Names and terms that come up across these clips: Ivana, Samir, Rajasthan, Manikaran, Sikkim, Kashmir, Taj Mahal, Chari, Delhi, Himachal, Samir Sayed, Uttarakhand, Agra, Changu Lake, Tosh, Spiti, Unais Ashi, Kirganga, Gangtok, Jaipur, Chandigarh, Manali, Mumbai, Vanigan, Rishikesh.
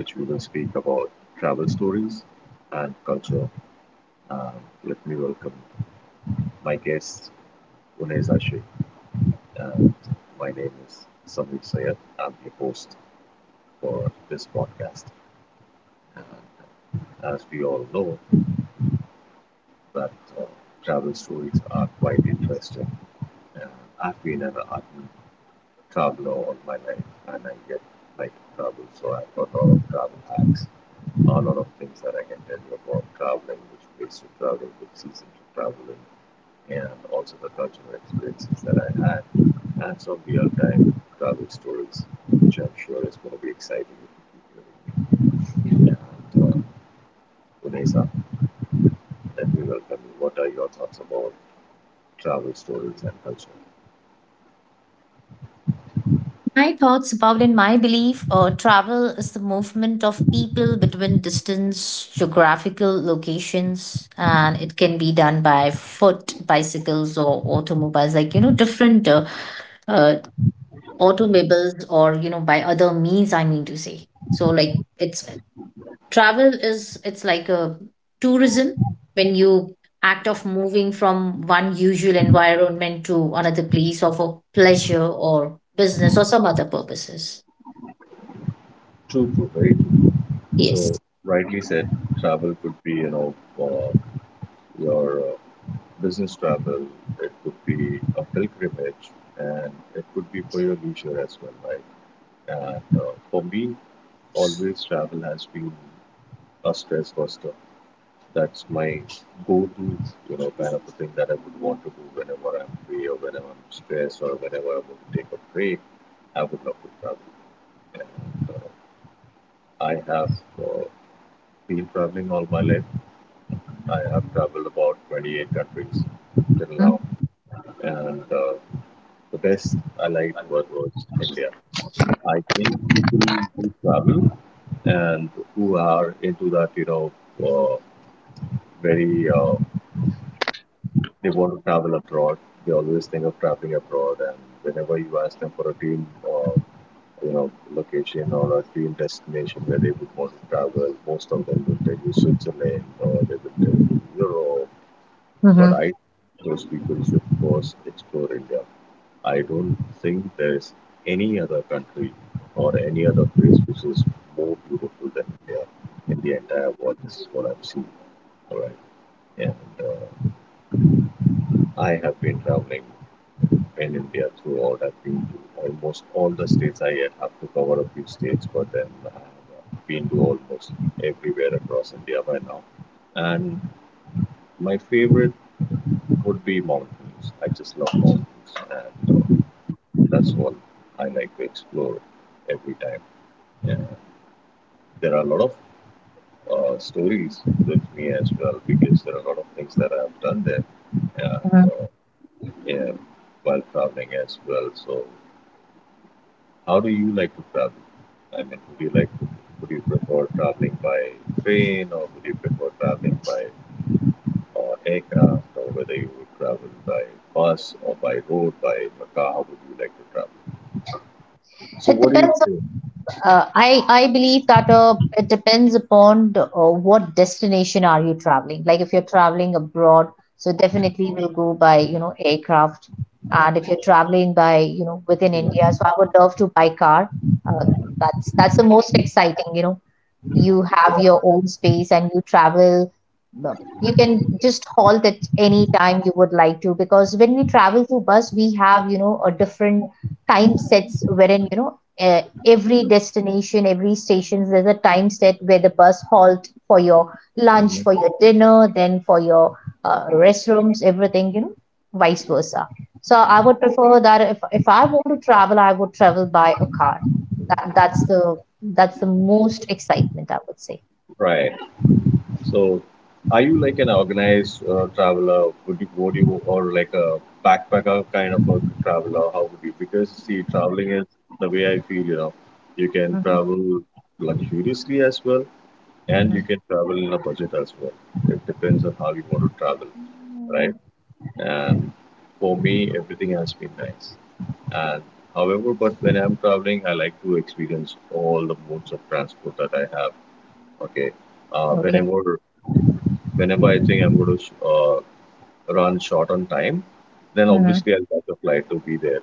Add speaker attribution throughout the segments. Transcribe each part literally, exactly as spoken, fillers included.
Speaker 1: which we will speak about travel stories and culture. Um, Let me welcome my guest, Unais Ashi, and my name is Samir Sayed. I'm your host for this podcast. And as we all know, that uh, travel stories are quite interesting. Uh, I've been an admirer travel all my life and I get like travel. So I've got a lot of travel hacks, a lot of things that I can tell you about traveling, which place to travel, which season to travel in, and also the cultural experiences that I had, and some real time travel stories, which I'm sure is going to be exciting if you keep hearing me. And uh, Unesa, let me welcome you. What are your thoughts about travel stories and culture?
Speaker 2: My thoughts about in my belief, uh, travel is the movement of people between distance, geographical locations, and it can be done by foot, bicycles, or automobiles, like, you know, different uh, uh, automobiles or, you know, by other means, I mean to say. So, like, it's travel is, it's like a tourism when you act of moving from one usual environment to another place or for pleasure or business or some other purposes.
Speaker 1: True, true, very. So,
Speaker 2: Yes.
Speaker 1: rightly said, travel could be, you know, uh, your uh, business travel, it could be a pilgrimage, and it could be for your leisure as well, right? And uh, for me, always travel has been a stress buster. That's my go-to, you know, kind of a thing that I would want to do whenever I'm free or whenever I'm stressed or whenever I want to take a break. I would love to travel. And uh, I have uh, been traveling all my life. I have traveled about twenty-eight countries till now,
Speaker 2: Mm-hmm.
Speaker 1: and uh, the best I liked was, was India. I think people who travel and who are into that, you know, uh, very uh, they want to travel abroad. They always think of traveling abroad, and whenever you ask them for a dream uh, you know, location or a dream destination where they would want to travel. Most of them will tell you Switzerland or they will tell you Europe. But I those people should first explore India. I don't think there is any other country or any other place which is more beautiful than India in the entire world. This is what I've seen. All right. And uh, I have been traveling in India throughout. I've been to almost all the states. I yet have to cover a few states, but then I have uh, been to almost everywhere across India by now. And my favorite would be mountains. I just love mountains, and uh, that's what I like to explore every time. And there are a lot of uh, stories with me as well because there are a lot of things that I have done there and
Speaker 2: Hmm.
Speaker 1: uh, yeah, while traveling as well. So, how do you like to travel? I mean, would you like to, would you prefer traveling by train or would you prefer traveling by uh, aircraft or whether you would travel by bus or by road, by car? How would you like to travel? So
Speaker 2: It
Speaker 1: what do you
Speaker 2: depends.
Speaker 1: think?
Speaker 2: Uh, I I believe that uh, it depends upon the, uh, what destination are you traveling. Like if you're traveling abroad, so definitely we'll go by you know aircraft. And if you're traveling by you know within India, so I would love to buy car. Uh, that's that's the most exciting, you know. You have your own space and you travel, uh, you can just halt at any time you would like to, because when we travel through bus we have, you know a different time sets wherein, you know uh, every destination, every station, there's a time set where the bus halt for your lunch,
Speaker 1: Mhm.
Speaker 2: for your dinner, then for your uh, restrooms, everything, you know vice versa. So I would prefer that if if I want to travel, I would travel by a car. That that's the that's the most excitement, I would say.
Speaker 1: Right. So, are you like an organized uh, traveler? Would you, would you, or like a backpacker kind of a traveler? How would you? Because see, traveling is the way I feel. You know, you can
Speaker 2: Mm-hmm.
Speaker 1: travel luxuriously as well, and
Speaker 2: Mm-hmm.
Speaker 1: you can travel in a budget as well. It depends on how you want to travel,
Speaker 2: Mm.
Speaker 1: right? And for me, everything has been nice. And however, but when I'm traveling, I like to experience all the modes of transport that I have. Okay. Uh,
Speaker 2: Okay.
Speaker 1: whenever Whenever I think I'm going to sh- uh, run short on time, then
Speaker 2: Mm-hmm.
Speaker 1: obviously I'll catch a flight to be there.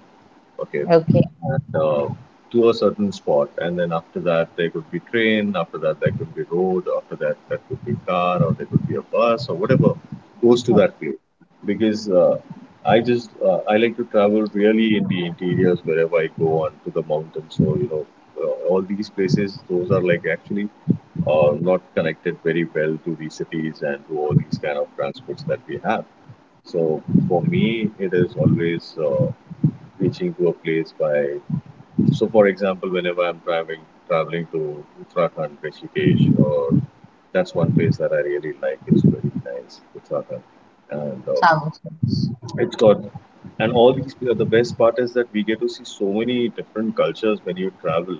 Speaker 1: Okay.
Speaker 2: Okay.
Speaker 1: And, uh, to a certain spot, and then after that there could be train, after that there could be road, after that that could be car, or there could be a bus or whatever goes to
Speaker 2: o-
Speaker 1: that place. Because uh, I just uh, I like to travel really in the interiors wherever I go on to the mountains. So you know uh, all these places, those are like actually uh, not connected very well to the cities and to all these kind of transports that we have. So for me, it is always uh, reaching to a place by. So, for example, whenever I'm traveling traveling to Uttarakhand, Rishikesh, or that's one place that I really like. It's very nice, Uttarakhand, and uh,
Speaker 2: Thousands.
Speaker 1: it's got, and all these. The best part is that we get to see so many different cultures when you travel.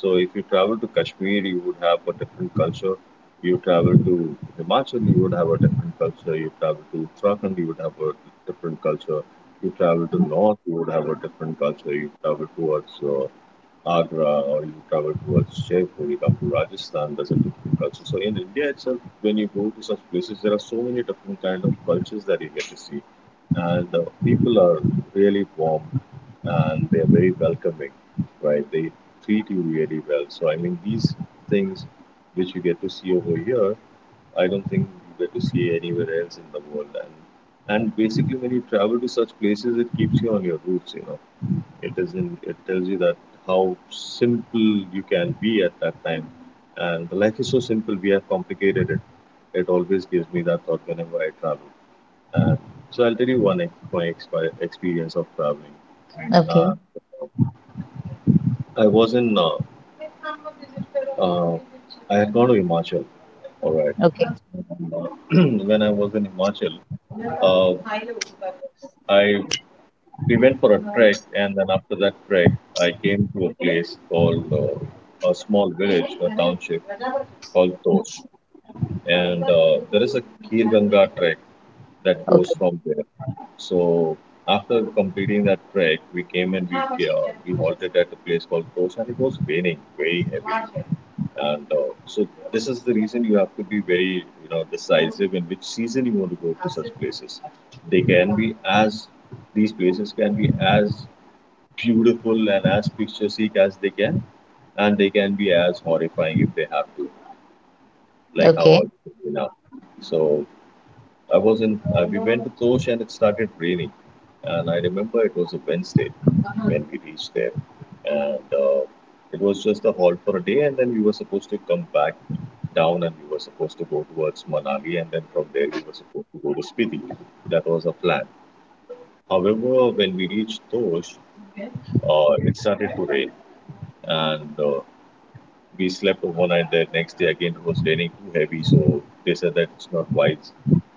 Speaker 1: So if you travel to Kashmir, you would have a different culture. You travel to Himachal, you would have a different culture. You travel to Uttarakhand, you would have a different culture. You travel to North, you would have a different culture. You travel towards uh, Agra or you travel towards Jaipur, you come to Rajasthan, there's a different culture. So in India itself, when you go to such places, there are so many different kind of cultures that you get to see, and the people are really warm and they're very welcoming, right? They treat you really well. So I mean these things which you get to see over here, I don't think you get to see anywhere else in the world. And and basically when you travel to such places, it keeps you on your roots. You know, it doesn't it tells you that how simple you can be at that time. And life is so simple, we have complicated it. It always gives me that thought whenever I travel. uh, so I'll tell you one ex- my expi experience of traveling. Uh,
Speaker 2: Okay,
Speaker 1: I was in, uh, uh, I had gone to Himachal, all right.
Speaker 2: okay,
Speaker 1: And, uh, when I was in Himachal, uh, I we went for a trek, and then after that trek, I came to a place called uh, a small village, a township called Tosh. And uh, there is a Kirganga trek that goes
Speaker 2: okay,
Speaker 1: from there. So after completing that trek, we came and we uh, we halted at a place called Tosh, and it was raining very heavy. And uh, so this is the reason you have to be very you know decisive in which season you want to go to such places. They can be as these places can be as beautiful and as picturesque as they can, and they can be as horrifying if they have to, like how I
Speaker 2: okay.
Speaker 1: you now. So I was in uh, we went to Tosh and it started raining, and I remember it was a Wednesday when we reached there. And uh, it was just a halt for a day and then we were supposed to come back down, and we were supposed to go towards Manali and then from there we were supposed to go to Spiti. That was a plan. However, when we reached Tosh, uh, it started to rain, and uh, we slept overnight there. Next day, again, it was raining too heavy, so they said that it's not wise,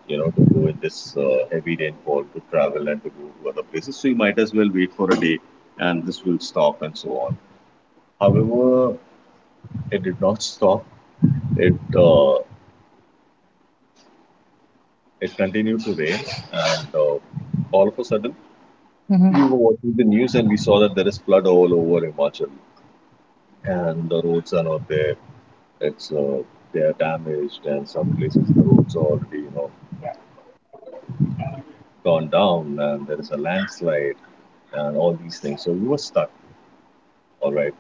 Speaker 1: you know, to go in this uh, heavy rainfall to travel and to go to other places. So you might as well wait for a day, and this will stop and so on. However, it did not stop. It uh, it continued to rain, and uh, all of a sudden,
Speaker 2: Mm-hmm.
Speaker 1: we were watching the news and we saw that there is flood all over Himachal and the roads are not there. It's uh, They are damaged, and some places the roads are already you know gone down, and there is a landslide, and all these things. So we were stuck. All right.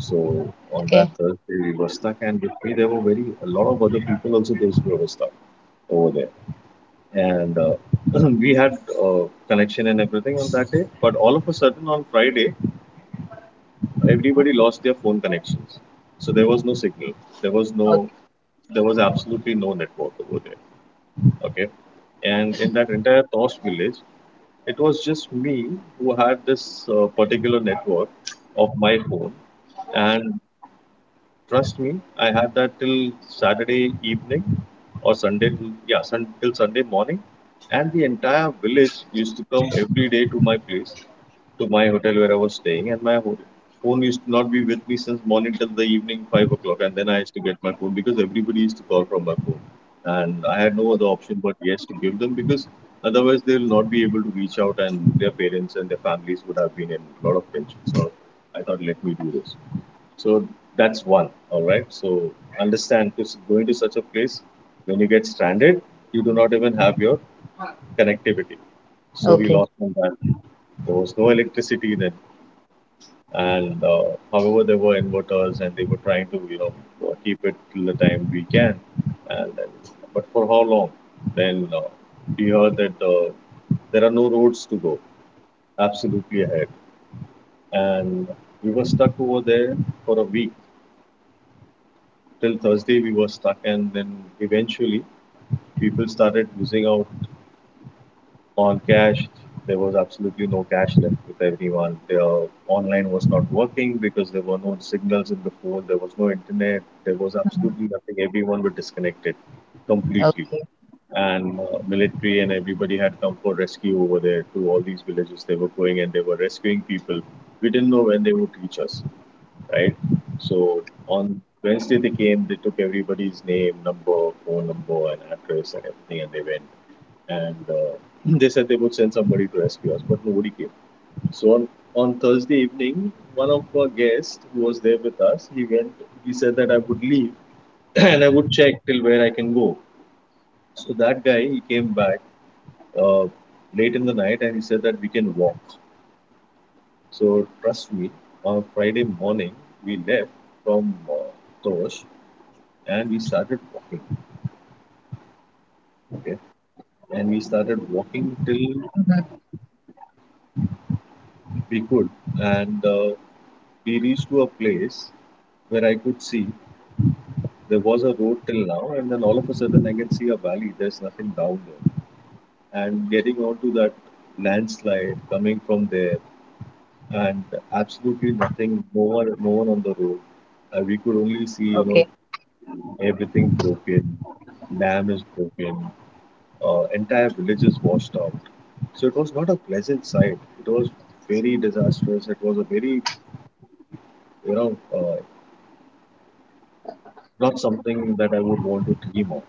Speaker 1: So on that
Speaker 2: Okay,
Speaker 1: Thursday we were stuck, and with me there were very a lot of other people also those who were stuck over there. And uh, we had uh, connection and everything on that day, but all of a sudden on Friday everybody lost their phone connections. So there was no signal. There was no
Speaker 2: okay,
Speaker 1: there was absolutely no network over there. Okay. And in that entire Tosh village, it was just me who had this uh, particular network of my phone, and trust me, I had that till Saturday evening or Sunday, yeah, sun, till Sunday morning. And the entire village used to come every day to my place, to my hotel where I was staying. And my ho- phone used to not be with me since morning till the evening, five o'clock. And then I used to get my phone because everybody used to call from my phone. And I had no other option but yes to give them because otherwise they will not be able to reach out and their parents and their families would have been in a lot of tension. So I thought, let me do this. So that's one. All right. So understand because going to such a place, when you get stranded, you do not even have your connectivity. So we
Speaker 2: okay.
Speaker 1: lost on that. There was no electricity then, and uh, however, there were inverters, and they were trying to you know uh, keep it till the time we can, and then but for how long? Then uh, we heard that uh, there are no roads to go absolutely ahead, and we were stuck over there for a week till Thursday we were stuck and then eventually people started losing out on cash. There was absolutely no cash left with everyone. Their online was not working because there were no signals in the phone, there was no internet, there was
Speaker 2: Mhm.
Speaker 1: absolutely nothing. Everyone were disconnected completely.
Speaker 2: Okay.
Speaker 1: And uh, military and everybody had come for rescue over there to all these villages. They were going and they were rescuing people. We didn't know when they would reach us, right? So on Wednesday they came, they took everybody's name, number, phone number, and address and everything, and they went. And uh, they said they would send somebody to rescue us, but nobody came. So on, on Thursday evening, one of our guests who was there with us, he went. He said that I would leave and I would check till where I can go. So that guy, he came back uh, late in the night and he said that we can walk. So trust me, on Friday morning, we left from uh, Tosh and we started walking, okay, and we started walking till
Speaker 2: Mhm.
Speaker 1: we could, and uh, we reached to a place where I could see there was a road till now, and then all of a sudden I can see a valley, there's nothing down there, and getting onto that landslide coming from there, and absolutely nothing, no one, no one on the road. Uh, we could only see you know
Speaker 2: Okay.
Speaker 1: everything broken, dam is broken, uh, entire villages washed out. So it was not a pleasant sight. It was very disastrous. It was a very, you know, uh, not something that I would want to dream of.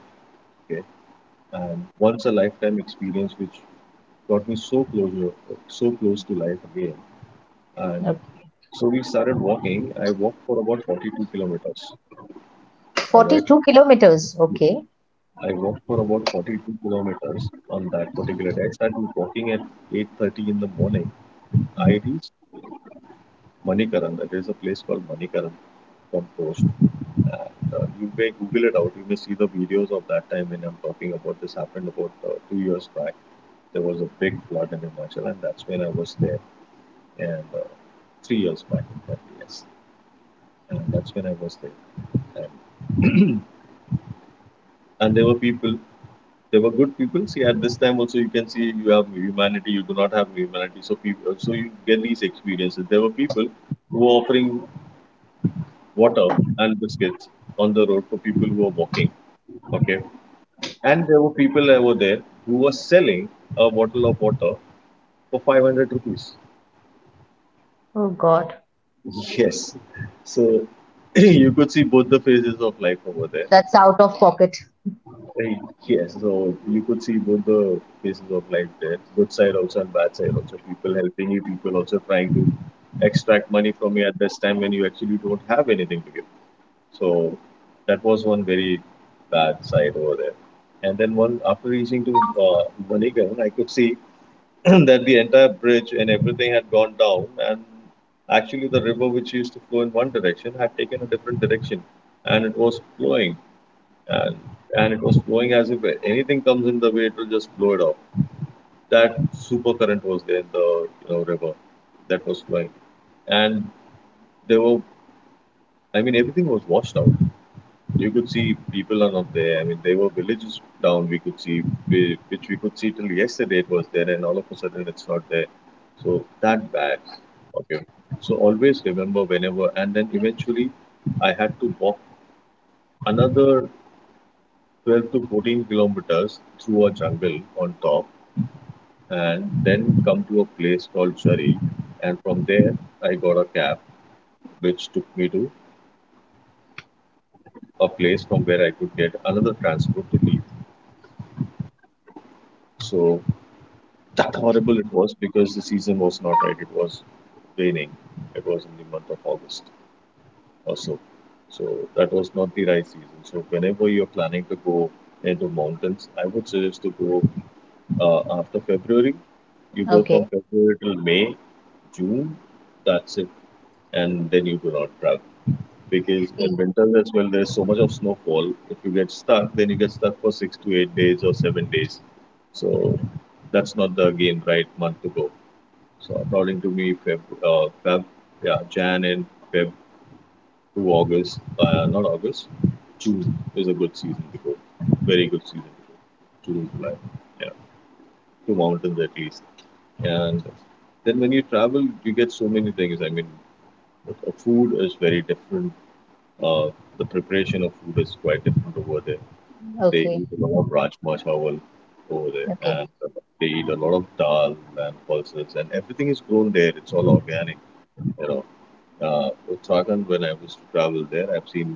Speaker 1: Okay, and once a lifetime experience which got me so close, so close to life again. And
Speaker 2: Uh,
Speaker 1: so we started walking. I walked for about forty-two kilometers. All right,
Speaker 2: forty-two kilometers. Okay.
Speaker 1: I walked for about forty-two kilometers on that particular day. I started walking at eight thirty in the morning.
Speaker 2: Mhm.
Speaker 1: I reached Manikaran. That is a place called Manikaran Compost. And uh, you may Google it out. You may see the videos of that time when I'm talking about this happened about uh, two years back. There was a big flood in Himachal, and that's when I was there. And uh, three years back, in fact, yes. And that's when I was there. And, and there were people. There were good people. See, at this time also, you can see you have humanity. You do not have humanity. So people. So you get these experiences. There were people who were offering water and biscuits on the road for people who were walking. Okay. And there were people that were there who were selling a bottle of water for five hundred rupees.
Speaker 2: Oh God.
Speaker 1: Yes. So you could see both the phases of life over there.
Speaker 2: That's out of pocket.
Speaker 1: Right. Yes. So you could see both the phases of life there, good side also and bad side also. People helping you, people also trying to extract money from you at this time when you actually don't have anything to give. So that was one very bad side over there. And then one after reaching to uh, Vanigan, I could see that the entire bridge and everything had gone down, and actually the river which used to flow in one direction had taken a different direction, and it was flowing, and and it was flowing as if anything comes in the way, it will just blow it off. That super current was there in the you know river that was flowing, and there were, I mean, everything was washed out, you could see people are not there. I mean, there were villages down we could see, whi- which we could see till yesterday it was there, and all of a sudden it's not there. So that bad. Okay. So always remember whenever, and then eventually I had to walk another twelve to fourteen kilometers through a jungle on top, and then come to a place called Chari. And from there, I got a cab which took me to a place from where I could get another transport to leave. So that horrible it was because the season was not right. It was raining. It was in the month of August or so. So that was not the right season. So whenever you're planning to go into mountains, I would suggest to go uh, after February. You go from
Speaker 2: Okay.
Speaker 1: February till May, June. That's it, and then you do not travel because
Speaker 2: Okay.
Speaker 1: in winters as well there's so much of snowfall. If you get stuck, then you get stuck for six to eight days or seven days. So that's not the again right month to go. So according to me, Feb, uh, Feb, yeah, Jan and Feb to August, uh, not August, June is a good season to go. Very good season to go. June, July, yeah, to mountains at least. And then when you travel, you get so many things. I mean, uh, food is very different. Uh, the preparation of food is quite different over there. They
Speaker 2: Okay.
Speaker 1: eat a lot of rajma chawal over there,
Speaker 2: Okay.
Speaker 1: and uh, they eat a lot of dal and pulses, and everything is grown there. It's all organic, you know uh, Uttarakhand when I was to travel there. I've seen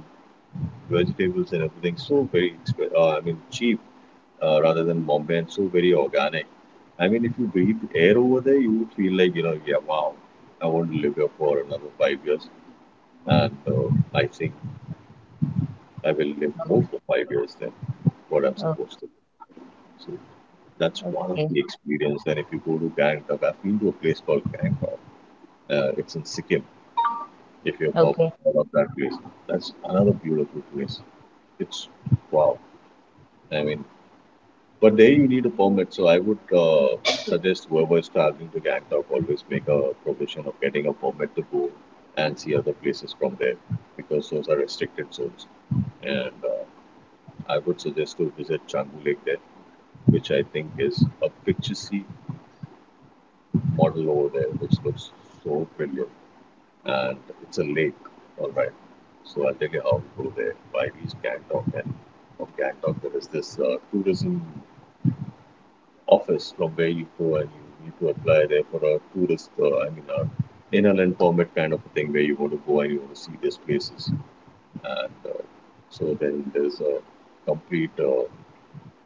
Speaker 1: vegetables and everything so very, exp- uh, I mean, cheap uh, rather than Bombay and so very organic. I mean, if you breathe air over there, you would feel like, you know, yeah, wow, I want to live here for another five years. And uh, I think I will live more for five years than what I'm
Speaker 2: Oh,
Speaker 1: supposed to. So that's one of
Speaker 2: okay.
Speaker 1: the experience. And if you go to Gangtok, I've been to a place called Gangtok. Uh, it's in Sikkim. If you pop
Speaker 2: Okay.
Speaker 1: out of that place. That's another beautiful place. It's wow. I mean, but there you need a permit. So I would uh, suggest whoever is traveling to Gangtok always make a provision of getting a permit to go and see other places from there because those are restricted zones. And uh, I would suggest to visit Changu Lake there, which I think is a picturesque model over there, which looks so brilliant. And it's a lake. All right. So I'll take you out through there. By reach Gangtok, and from Gangtok there is this uh, tourism office from where you go and you need to apply there for a tourist, uh, I mean, a inland permit kind of a thing where you want to go and you want to see these places. And uh, so then there's a complete uh,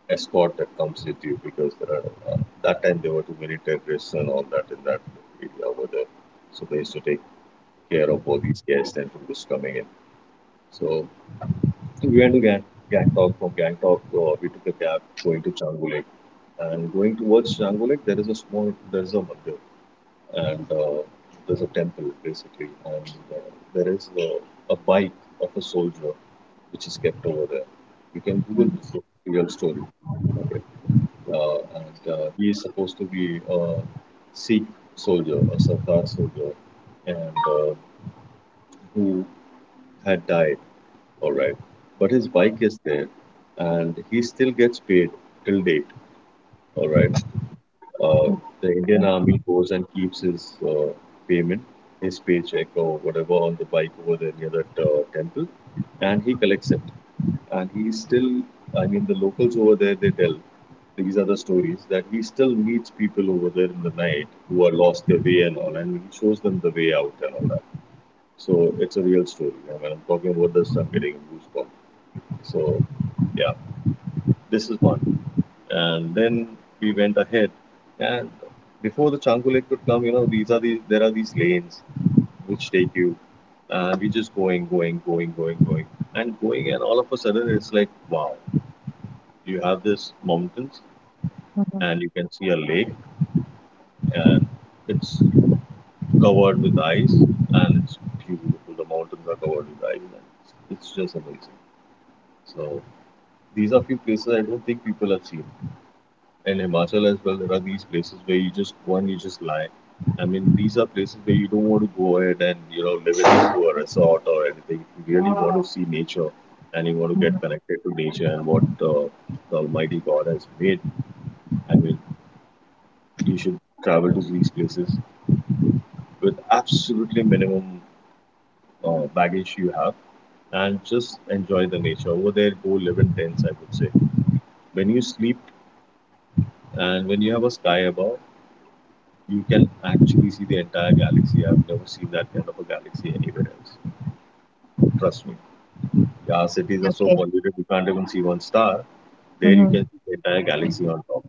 Speaker 1: escort that comes with you because there are uh, that time there were too many terrorists and all that in that area over there. So they used to take care of all these guests and tourists coming in. So we went to Gang- Gangtok. From Gangtok, uh, we took a cab going to Changu Lake. And going towards Changu Lake, there is a small, there is a mandir, and uh, there's a temple basically, and uh, there is uh, a bike of a soldier which is kept over there. You can Google
Speaker 2: Mm,
Speaker 1: this real story. Okay. Uh, and uh, he is supposed to be a Sikh soldier, a Sardar soldier, and uh, who had died, all right. But his bike is there and he still gets paid till date. All right. Uh, the Indian
Speaker 2: okay.
Speaker 1: Army goes and keeps his uh, payment, his paycheck or whatever on the bike over there near that uh, temple and he collects it. And he still, I mean, the locals over there, they tell these are the stories that he still meets people over there in the night who are lost their way and all, and he shows them the way out and all that. So it's a real story. I mean, I'm talking about this, I'm getting a goosebump. So yeah, this is one. And then we went ahead, and before the Changu Lake could come, you know, these are the there are these lanes which take you, and we just going, going, going, going, going, and going, and all of a sudden it's like wow, you have this mountains,
Speaker 2: Mhm,
Speaker 1: and you can see a lake, and it's covered with ice, and it's beautiful. The mountains are covered with ice, and it's, it's just amazing. So these are few places I don't think people have seen. In Himachal as well, there are these places where you just one, you just lie. I mean, these are places where you don't want to go ahead and you know live it a resort or anything. If you really want to see nature and you want to
Speaker 2: mhm,
Speaker 1: get connected to nature and what uh, the Almighty God has made, I mean, you should travel to these places with absolutely minimum uh, baggage you have and just enjoy the nature over there. Go live in tents, I would say. When you sleep and when you have a sky above, you can actually see the entire galaxy. I've never seen that kind of a galaxy anywhere else. Trust me. Our cities are so
Speaker 2: okay.
Speaker 1: polluted, you can't even see one star. There you
Speaker 2: Mhm,
Speaker 1: can see the entire galaxy on top.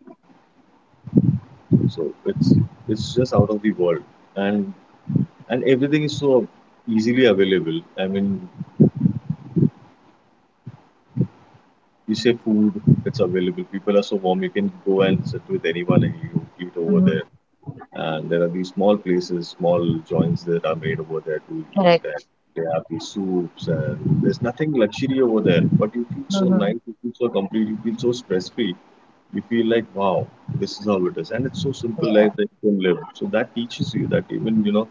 Speaker 1: So it's it's just out of the world, and and everything is so easily available. I mean, you say food, it's available. People are so warm, you can go and sit with anyone and you eat over
Speaker 2: mhm.
Speaker 1: there. And there are these small places, small joints that are made over there to eat, and
Speaker 2: Correct.
Speaker 1: they have these soups, and there's nothing luxury over there, but you feel so
Speaker 2: Mhm.
Speaker 1: nice, you feel so complete, you feel so stress free. You feel like, wow, this is how it is, and it's so simple
Speaker 2: Yeah.
Speaker 1: life that you can live. So that teaches you that, even you know,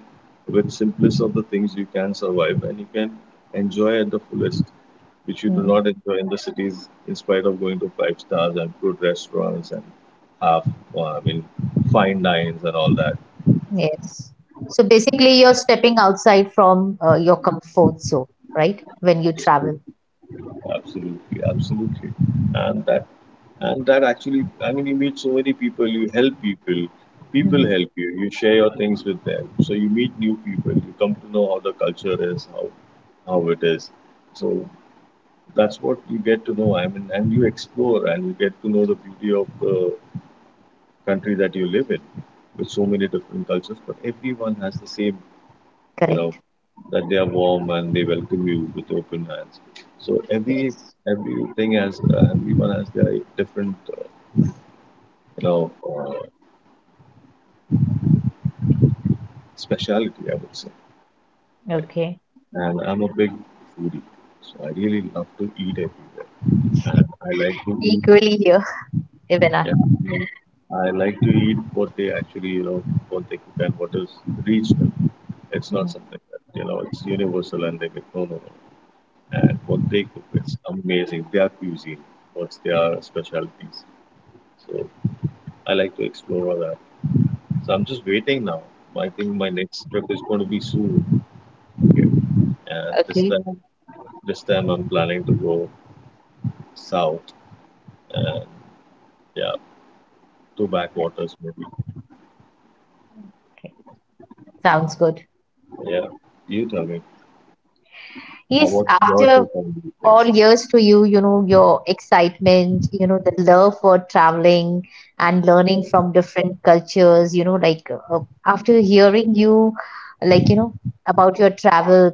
Speaker 1: with simplest of the things, you can survive and you can enjoy at the fullest, which you do
Speaker 2: Mm,
Speaker 1: not enjoy in the cities in spite of going to five stars and good restaurants and half, uh, I mean, fine dines and all that.
Speaker 2: yes. So basically, you're stepping outside from uh, your comfort zone, right? When you travel.
Speaker 1: Absolutely, absolutely, absolutely. And that and that actually, I mean, you meet so many people, you help people, people
Speaker 2: Hmm.
Speaker 1: help you, you share your things with them. So you meet new people, you come to know how the culture is, how how it is. So that's what you get to know. I mean, and you explore and you get to know the beauty of the country that you live in with so many different cultures, but everyone has the same, you know,
Speaker 2: Correct.
Speaker 1: that they are warm and they welcome you with open hands. So every
Speaker 2: Yes.
Speaker 1: everything has uh, everyone has their different, uh, you know, uh, speciality, I would say.
Speaker 2: Okay.
Speaker 1: And I'm a big foodie, so I really love to eat everywhere, and I like to
Speaker 2: Equally
Speaker 1: eat.
Speaker 2: here, Ivana.
Speaker 1: Yeah. I like to eat what they actually, you know, what they cook and what is regional. It's not
Speaker 2: Mhm.
Speaker 1: something that, you know, it's universal and they get no, no, no. And what they cook is amazing. Their cuisine, what's their specialties. So I like to explore all that. So I'm just waiting now. I think my next trip is going to be soon. Okay. And this
Speaker 2: Okay.
Speaker 1: time, this time I'm planning to go south and, yeah, to backwaters maybe.
Speaker 2: Okay. Sounds good.
Speaker 1: Yeah. You tell me.
Speaker 2: Yes,
Speaker 1: What's your
Speaker 2: after
Speaker 1: take on these
Speaker 2: all
Speaker 1: things?
Speaker 2: years to you, you know, your excitement, you know, the love for traveling and learning from different cultures, you know, like, uh, after hearing you, like, you know, about your travel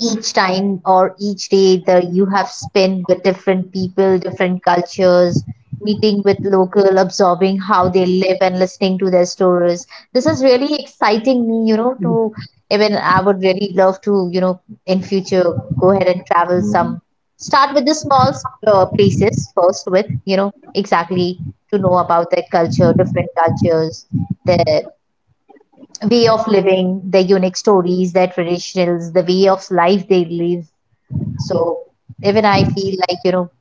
Speaker 2: each time or each day that you have spent with different people, different cultures, meeting with local, absorbing how they live and listening to their stories. This is really exciting me, you know, to even I would really love to, you know, in future go ahead and travel
Speaker 1: Mhm.
Speaker 2: some. Start with the small, uh, places first with, you know, exactly to know about their culture, different cultures, their way of living, their unique stories, their traditions, the way of life they live. So even I feel like, you know,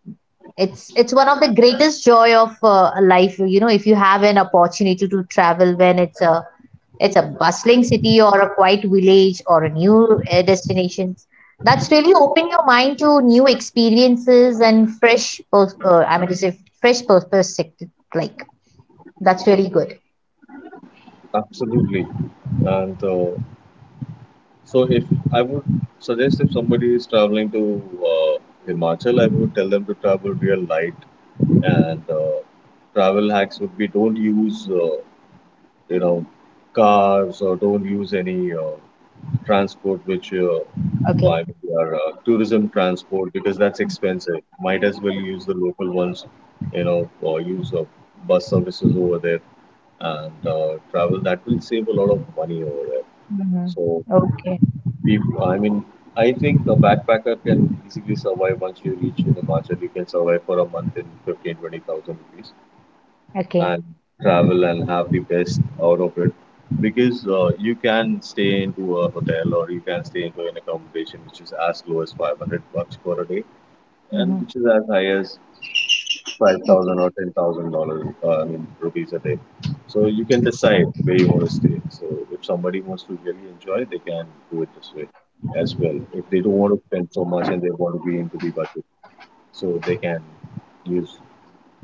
Speaker 2: it's it's one of the greatest joy of uh, life, you know, if you have an opportunity to travel, when it's a it's a bustling city or a quiet village or a new, uh, destinations. That's really open your mind to new experiences and fresh, pers- uh, I mean to say, fresh pers- perspective. Like, that's really good.
Speaker 1: Absolutely. And uh, so, if I would suggest if somebody is traveling to uh, Himachal, I would tell them to travel real light. And uh, travel hacks would be, don't use uh, you know, cars or don't use any uh, transport which uh,
Speaker 2: Okay.
Speaker 1: by our uh, tourism transport, because that's expensive. Might as well use the local ones, you know, or use uh, bus services over there and uh, travel. That will save a lot of money over there.
Speaker 2: Hmm.
Speaker 1: So,
Speaker 2: Okay.
Speaker 1: people, I mean, I think a backpacker can easily survive once you reach in the market. You can survive for a month in fifteen twenty thousand rupees
Speaker 2: Okay.
Speaker 1: and travel and have the best out of it, because uh, you can stay into a hotel or you can stay into an accommodation which is as low as five hundred bucks for a day and
Speaker 2: Hmm.
Speaker 1: which is as high as five thousand or
Speaker 2: Okay.
Speaker 1: ten thousand dollars, uh, I mean rupees a day. So you can decide where you want to stay. So if somebody wants to really enjoy, they can do it this way as well. If they don't want to spend so much and they want to be into the budget, so they can use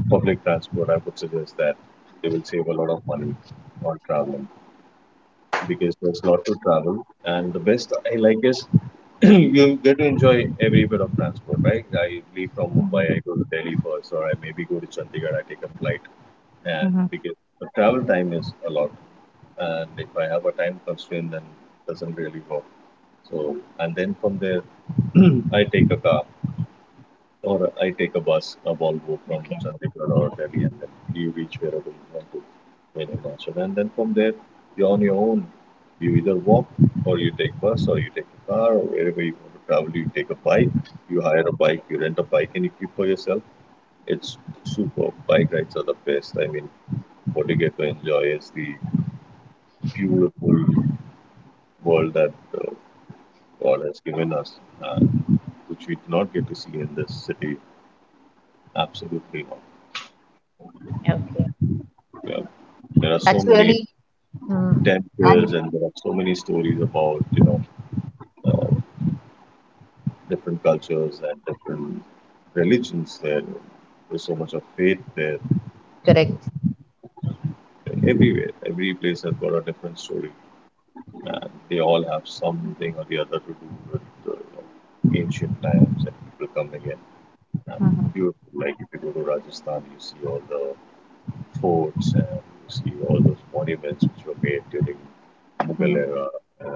Speaker 1: public transport, I would suggest that. They will save a lot of money on traveling, because there's a lot to travel. And the best I like is you get to enjoy every bit of transport, right? I leave from
Speaker 2: Hmm.
Speaker 1: Mumbai, I go to Delhi first, or I maybe go to Chandigarh, I take a flight. And
Speaker 2: Hmm.
Speaker 1: because the travel time is a lot. And if I have a time constraint, then it doesn't really work. So, and then from there, I take a car or I take a bus, a Volvo from
Speaker 2: Okay.
Speaker 1: Chandigarh or Delhi, and then you reach wherever you want to in Himachal. And then from there, you're on your own. You either walk, or you take bus, or you take a car, or wherever you want to travel, you take a bike. You hire a bike, you rent a bike, and you keep for yourself. It's super. Bike rides are the best. I mean, what you get to enjoy is the beautiful world that uh, God has given us, uh, which we do not get to see in this city. Absolutely not.
Speaker 2: Okay.
Speaker 1: Yeah, there are so
Speaker 2: That's
Speaker 1: many
Speaker 2: really, mm,
Speaker 1: temples,
Speaker 2: and
Speaker 1: and there are so many stories about, you know, uh, different cultures and different religions there. There's so much of faith there. So
Speaker 2: correct.
Speaker 1: everywhere, every place has got a different story, and they all have something or the other to do with, uh, you know, ancient times and people coming in. And
Speaker 2: Mhm,
Speaker 1: beautiful, like if you go to Rajasthan, you see all the forts and you see all those monuments which were made during Mughal
Speaker 2: mhm.
Speaker 1: era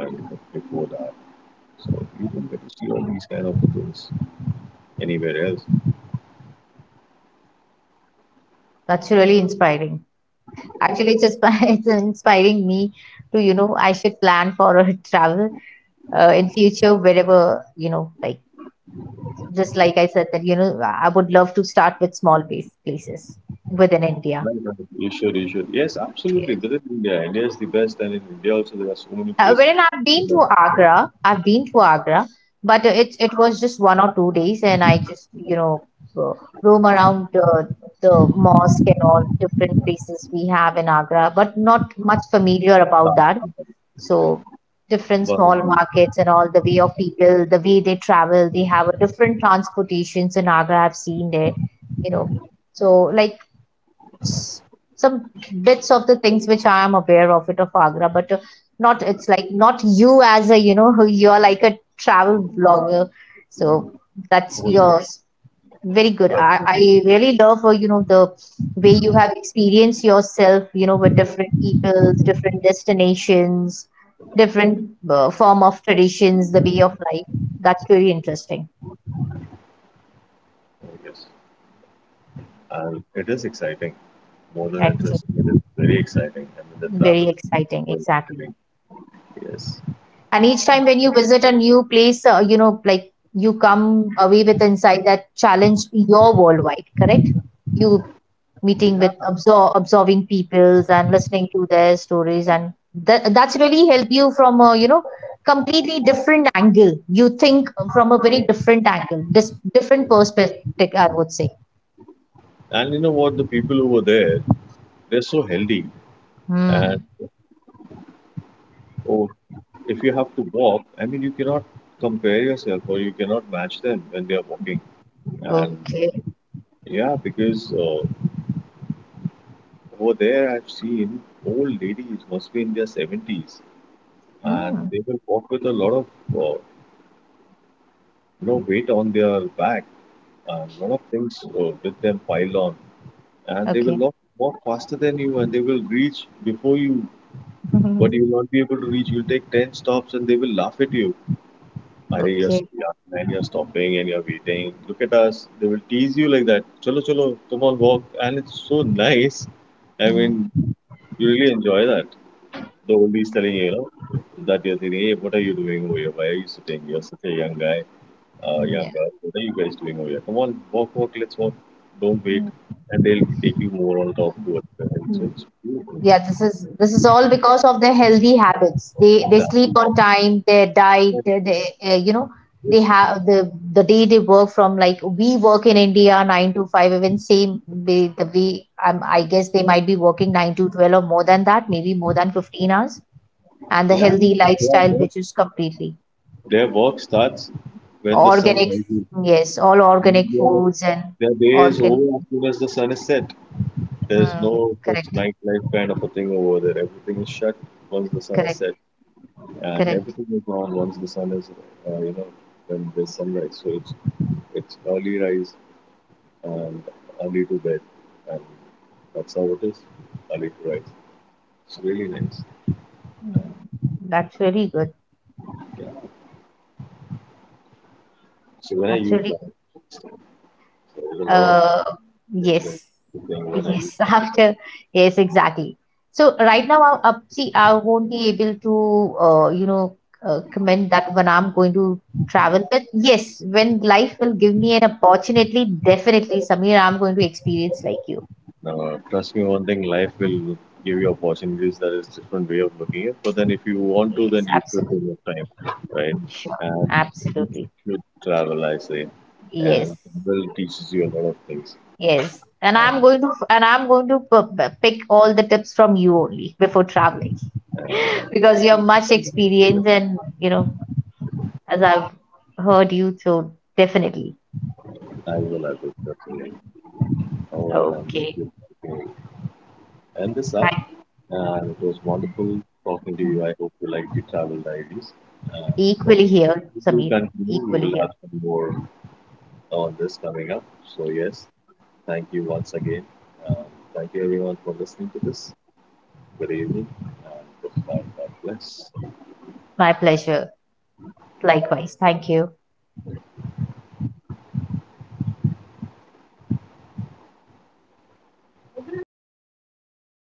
Speaker 1: and before that. So you don't get to see all these kind of things anywhere else.
Speaker 2: That's really inspiring. Actually, it's, inspi- it's inspiring me to, you know, I should plan for a travel, uh, in future, wherever, you know, like, just like I said that, you know, I would love to start with small base places within India.
Speaker 1: Right, right. You should, you should. Yes, absolutely.
Speaker 2: Yes.
Speaker 1: Visit India. India is the best, and in India also there are so many
Speaker 2: Uh,
Speaker 1: places.
Speaker 2: wherein I've
Speaker 1: You
Speaker 2: been
Speaker 1: know,
Speaker 2: to Agra, I've been to Agra, but uh, it it was just one or two days, and I just, you know, uh, roam around the the mosque and all different places we have in Agra, but not much familiar about
Speaker 1: Taj
Speaker 2: that.
Speaker 1: Mahal,
Speaker 2: So different small
Speaker 1: Burnaby,
Speaker 2: markets and all the way of people, the way they travel, they have a different transportations in Agra. I've seen there, you know. So, like, s- some bits of the things which I am aware of it of Agra, but uh, not, it's like, not you, as a, you know you are like a travel blogger, so that's
Speaker 1: Korea,
Speaker 2: yours. Very good.
Speaker 1: Taj.
Speaker 2: I, I really love, uh, you know, the way you have experienced yourself, you know, with different peoples, different destinations, different, uh, form of traditions, the way of life. That's very interesting,
Speaker 1: And it is exciting, more than
Speaker 2: actually.
Speaker 1: interesting. It is very exciting. I mean, the travel
Speaker 2: Very
Speaker 1: is
Speaker 2: exciting,
Speaker 1: so
Speaker 2: exactly.
Speaker 1: exciting. Yes.
Speaker 2: And each
Speaker 1: And,
Speaker 2: time when you visit a new place, uh, you know, like, you come away with insight that challenge your worldwide, correct? You meeting with
Speaker 1: yeah.
Speaker 2: absor absorbing peoples and listening to their stories, and that that's really help you from a, you know completely different angle. You think from a very different angle, this different perspective, I would say.
Speaker 1: And you know what? The people over there, they're so healthy. And
Speaker 2: Hmm.
Speaker 1: oh, if you have to walk, I mean, you cannot compare yourself or you cannot match them when they are walking. And
Speaker 2: Okay.
Speaker 1: yeah, because uh, over there, I've seen old ladies must be in their seventies and
Speaker 2: Hmm.
Speaker 1: they will walk with a lot of uh, you know, weight on their back and a lot of things uh, with them piled on, and they will
Speaker 2: Okay.
Speaker 1: walk walk faster than you and they will reach before you, but you will not be able to reach. You'll take ten stops and they will laugh at you. Arey, you're so
Speaker 2: Okay.
Speaker 1: young and you're stopping and you're waiting. Look at us. They will tease you like that. Chalo, chalo, come on, walk. And it's so nice. I
Speaker 2: Mhm.
Speaker 1: mean, you really enjoy that. The oldies telling you, you know, that you're saying, hey, what are you doing over here? Why are you sitting? You're such a young guy, uh, young
Speaker 2: Yeah.
Speaker 1: girl. What are you guys doing over here? Come on, walk, walk, let's walk. Don't wait.
Speaker 2: Hmm.
Speaker 1: And they'll take you more on top towards the hill. So it's beautiful.
Speaker 2: Yeah, this is this is all because of their healthy habits. They they sleep
Speaker 1: Exactly.
Speaker 2: on time, their diet, they, they uh, you know they have the the day they work from, like, we work in India nine to five. Even same way, the way, um, I guess they might be working nine to twelve, or more than that, maybe more than fifteen hours. And the
Speaker 1: Yeah,
Speaker 2: healthy
Speaker 1: yeah, yeah.
Speaker 2: lifestyle,
Speaker 1: Their work
Speaker 2: which is completely
Speaker 1: their work starts when the sun
Speaker 2: organic,
Speaker 1: rises.
Speaker 2: yes, all
Speaker 1: And
Speaker 2: organic
Speaker 1: uh,
Speaker 2: foods and
Speaker 1: their day is
Speaker 2: organ.
Speaker 1: over as soon as the sun is set. There's
Speaker 2: Hmm,
Speaker 1: no such
Speaker 2: correct,
Speaker 1: nightlife kind of a thing over there. Everything is shut once the sun is set,
Speaker 2: correct,
Speaker 1: and
Speaker 2: correct.
Speaker 1: everything is on once the sun is, uh, you know, when there's sunrise. So it's it's early rise and early to bed, and that's how it is. Early to rise. It's really nice.
Speaker 2: Hmm, that's really good.
Speaker 1: Yeah. So when are
Speaker 2: That's
Speaker 1: you
Speaker 2: really.
Speaker 1: planning? So there's a lot of
Speaker 2: Uh,
Speaker 1: things
Speaker 2: yes,
Speaker 1: when I you plan.
Speaker 2: yes. After, yes, exactly. So right now, I, uh, see, I won't be able to, uh, you know, uh, comment that when I'm going to travel. But yes, when life will give me an opportunity, definitely, Samir, I'm going to experience like you.
Speaker 1: Uh, trust me, one thing life will give you opportunities. That is different way of looking at. But then, if you want to,
Speaker 2: Yes,
Speaker 1: then you should take
Speaker 2: absolutely,
Speaker 1: your time, right?
Speaker 2: sure,
Speaker 1: And you
Speaker 2: absolutely.
Speaker 1: should travel, I say,
Speaker 2: Yes,
Speaker 1: and travel teaches you a lot of things.
Speaker 2: yes. And I'm
Speaker 1: And
Speaker 2: going to, and I'm going to p- p- pick all the tips from you only before traveling,
Speaker 1: uh,
Speaker 2: because you're much experienced and, you know as I've heard you, so definitely.
Speaker 1: I will, I will definitely. All right, and we
Speaker 2: Okay.
Speaker 1: should, okay, end this up.
Speaker 2: Thank
Speaker 1: And it was wonderful talking to you. I hope you liked the travel diaries. And what
Speaker 2: Equally here,
Speaker 1: we will
Speaker 2: Samir,
Speaker 1: continue, we
Speaker 2: equally
Speaker 1: will have
Speaker 2: here.
Speaker 1: some more, all this coming up. So, yes, thank you once again. Um, Thank you everyone for listening to this. Good evening and goodbye. God bless.
Speaker 2: My pleasure. Likewise. Thank you.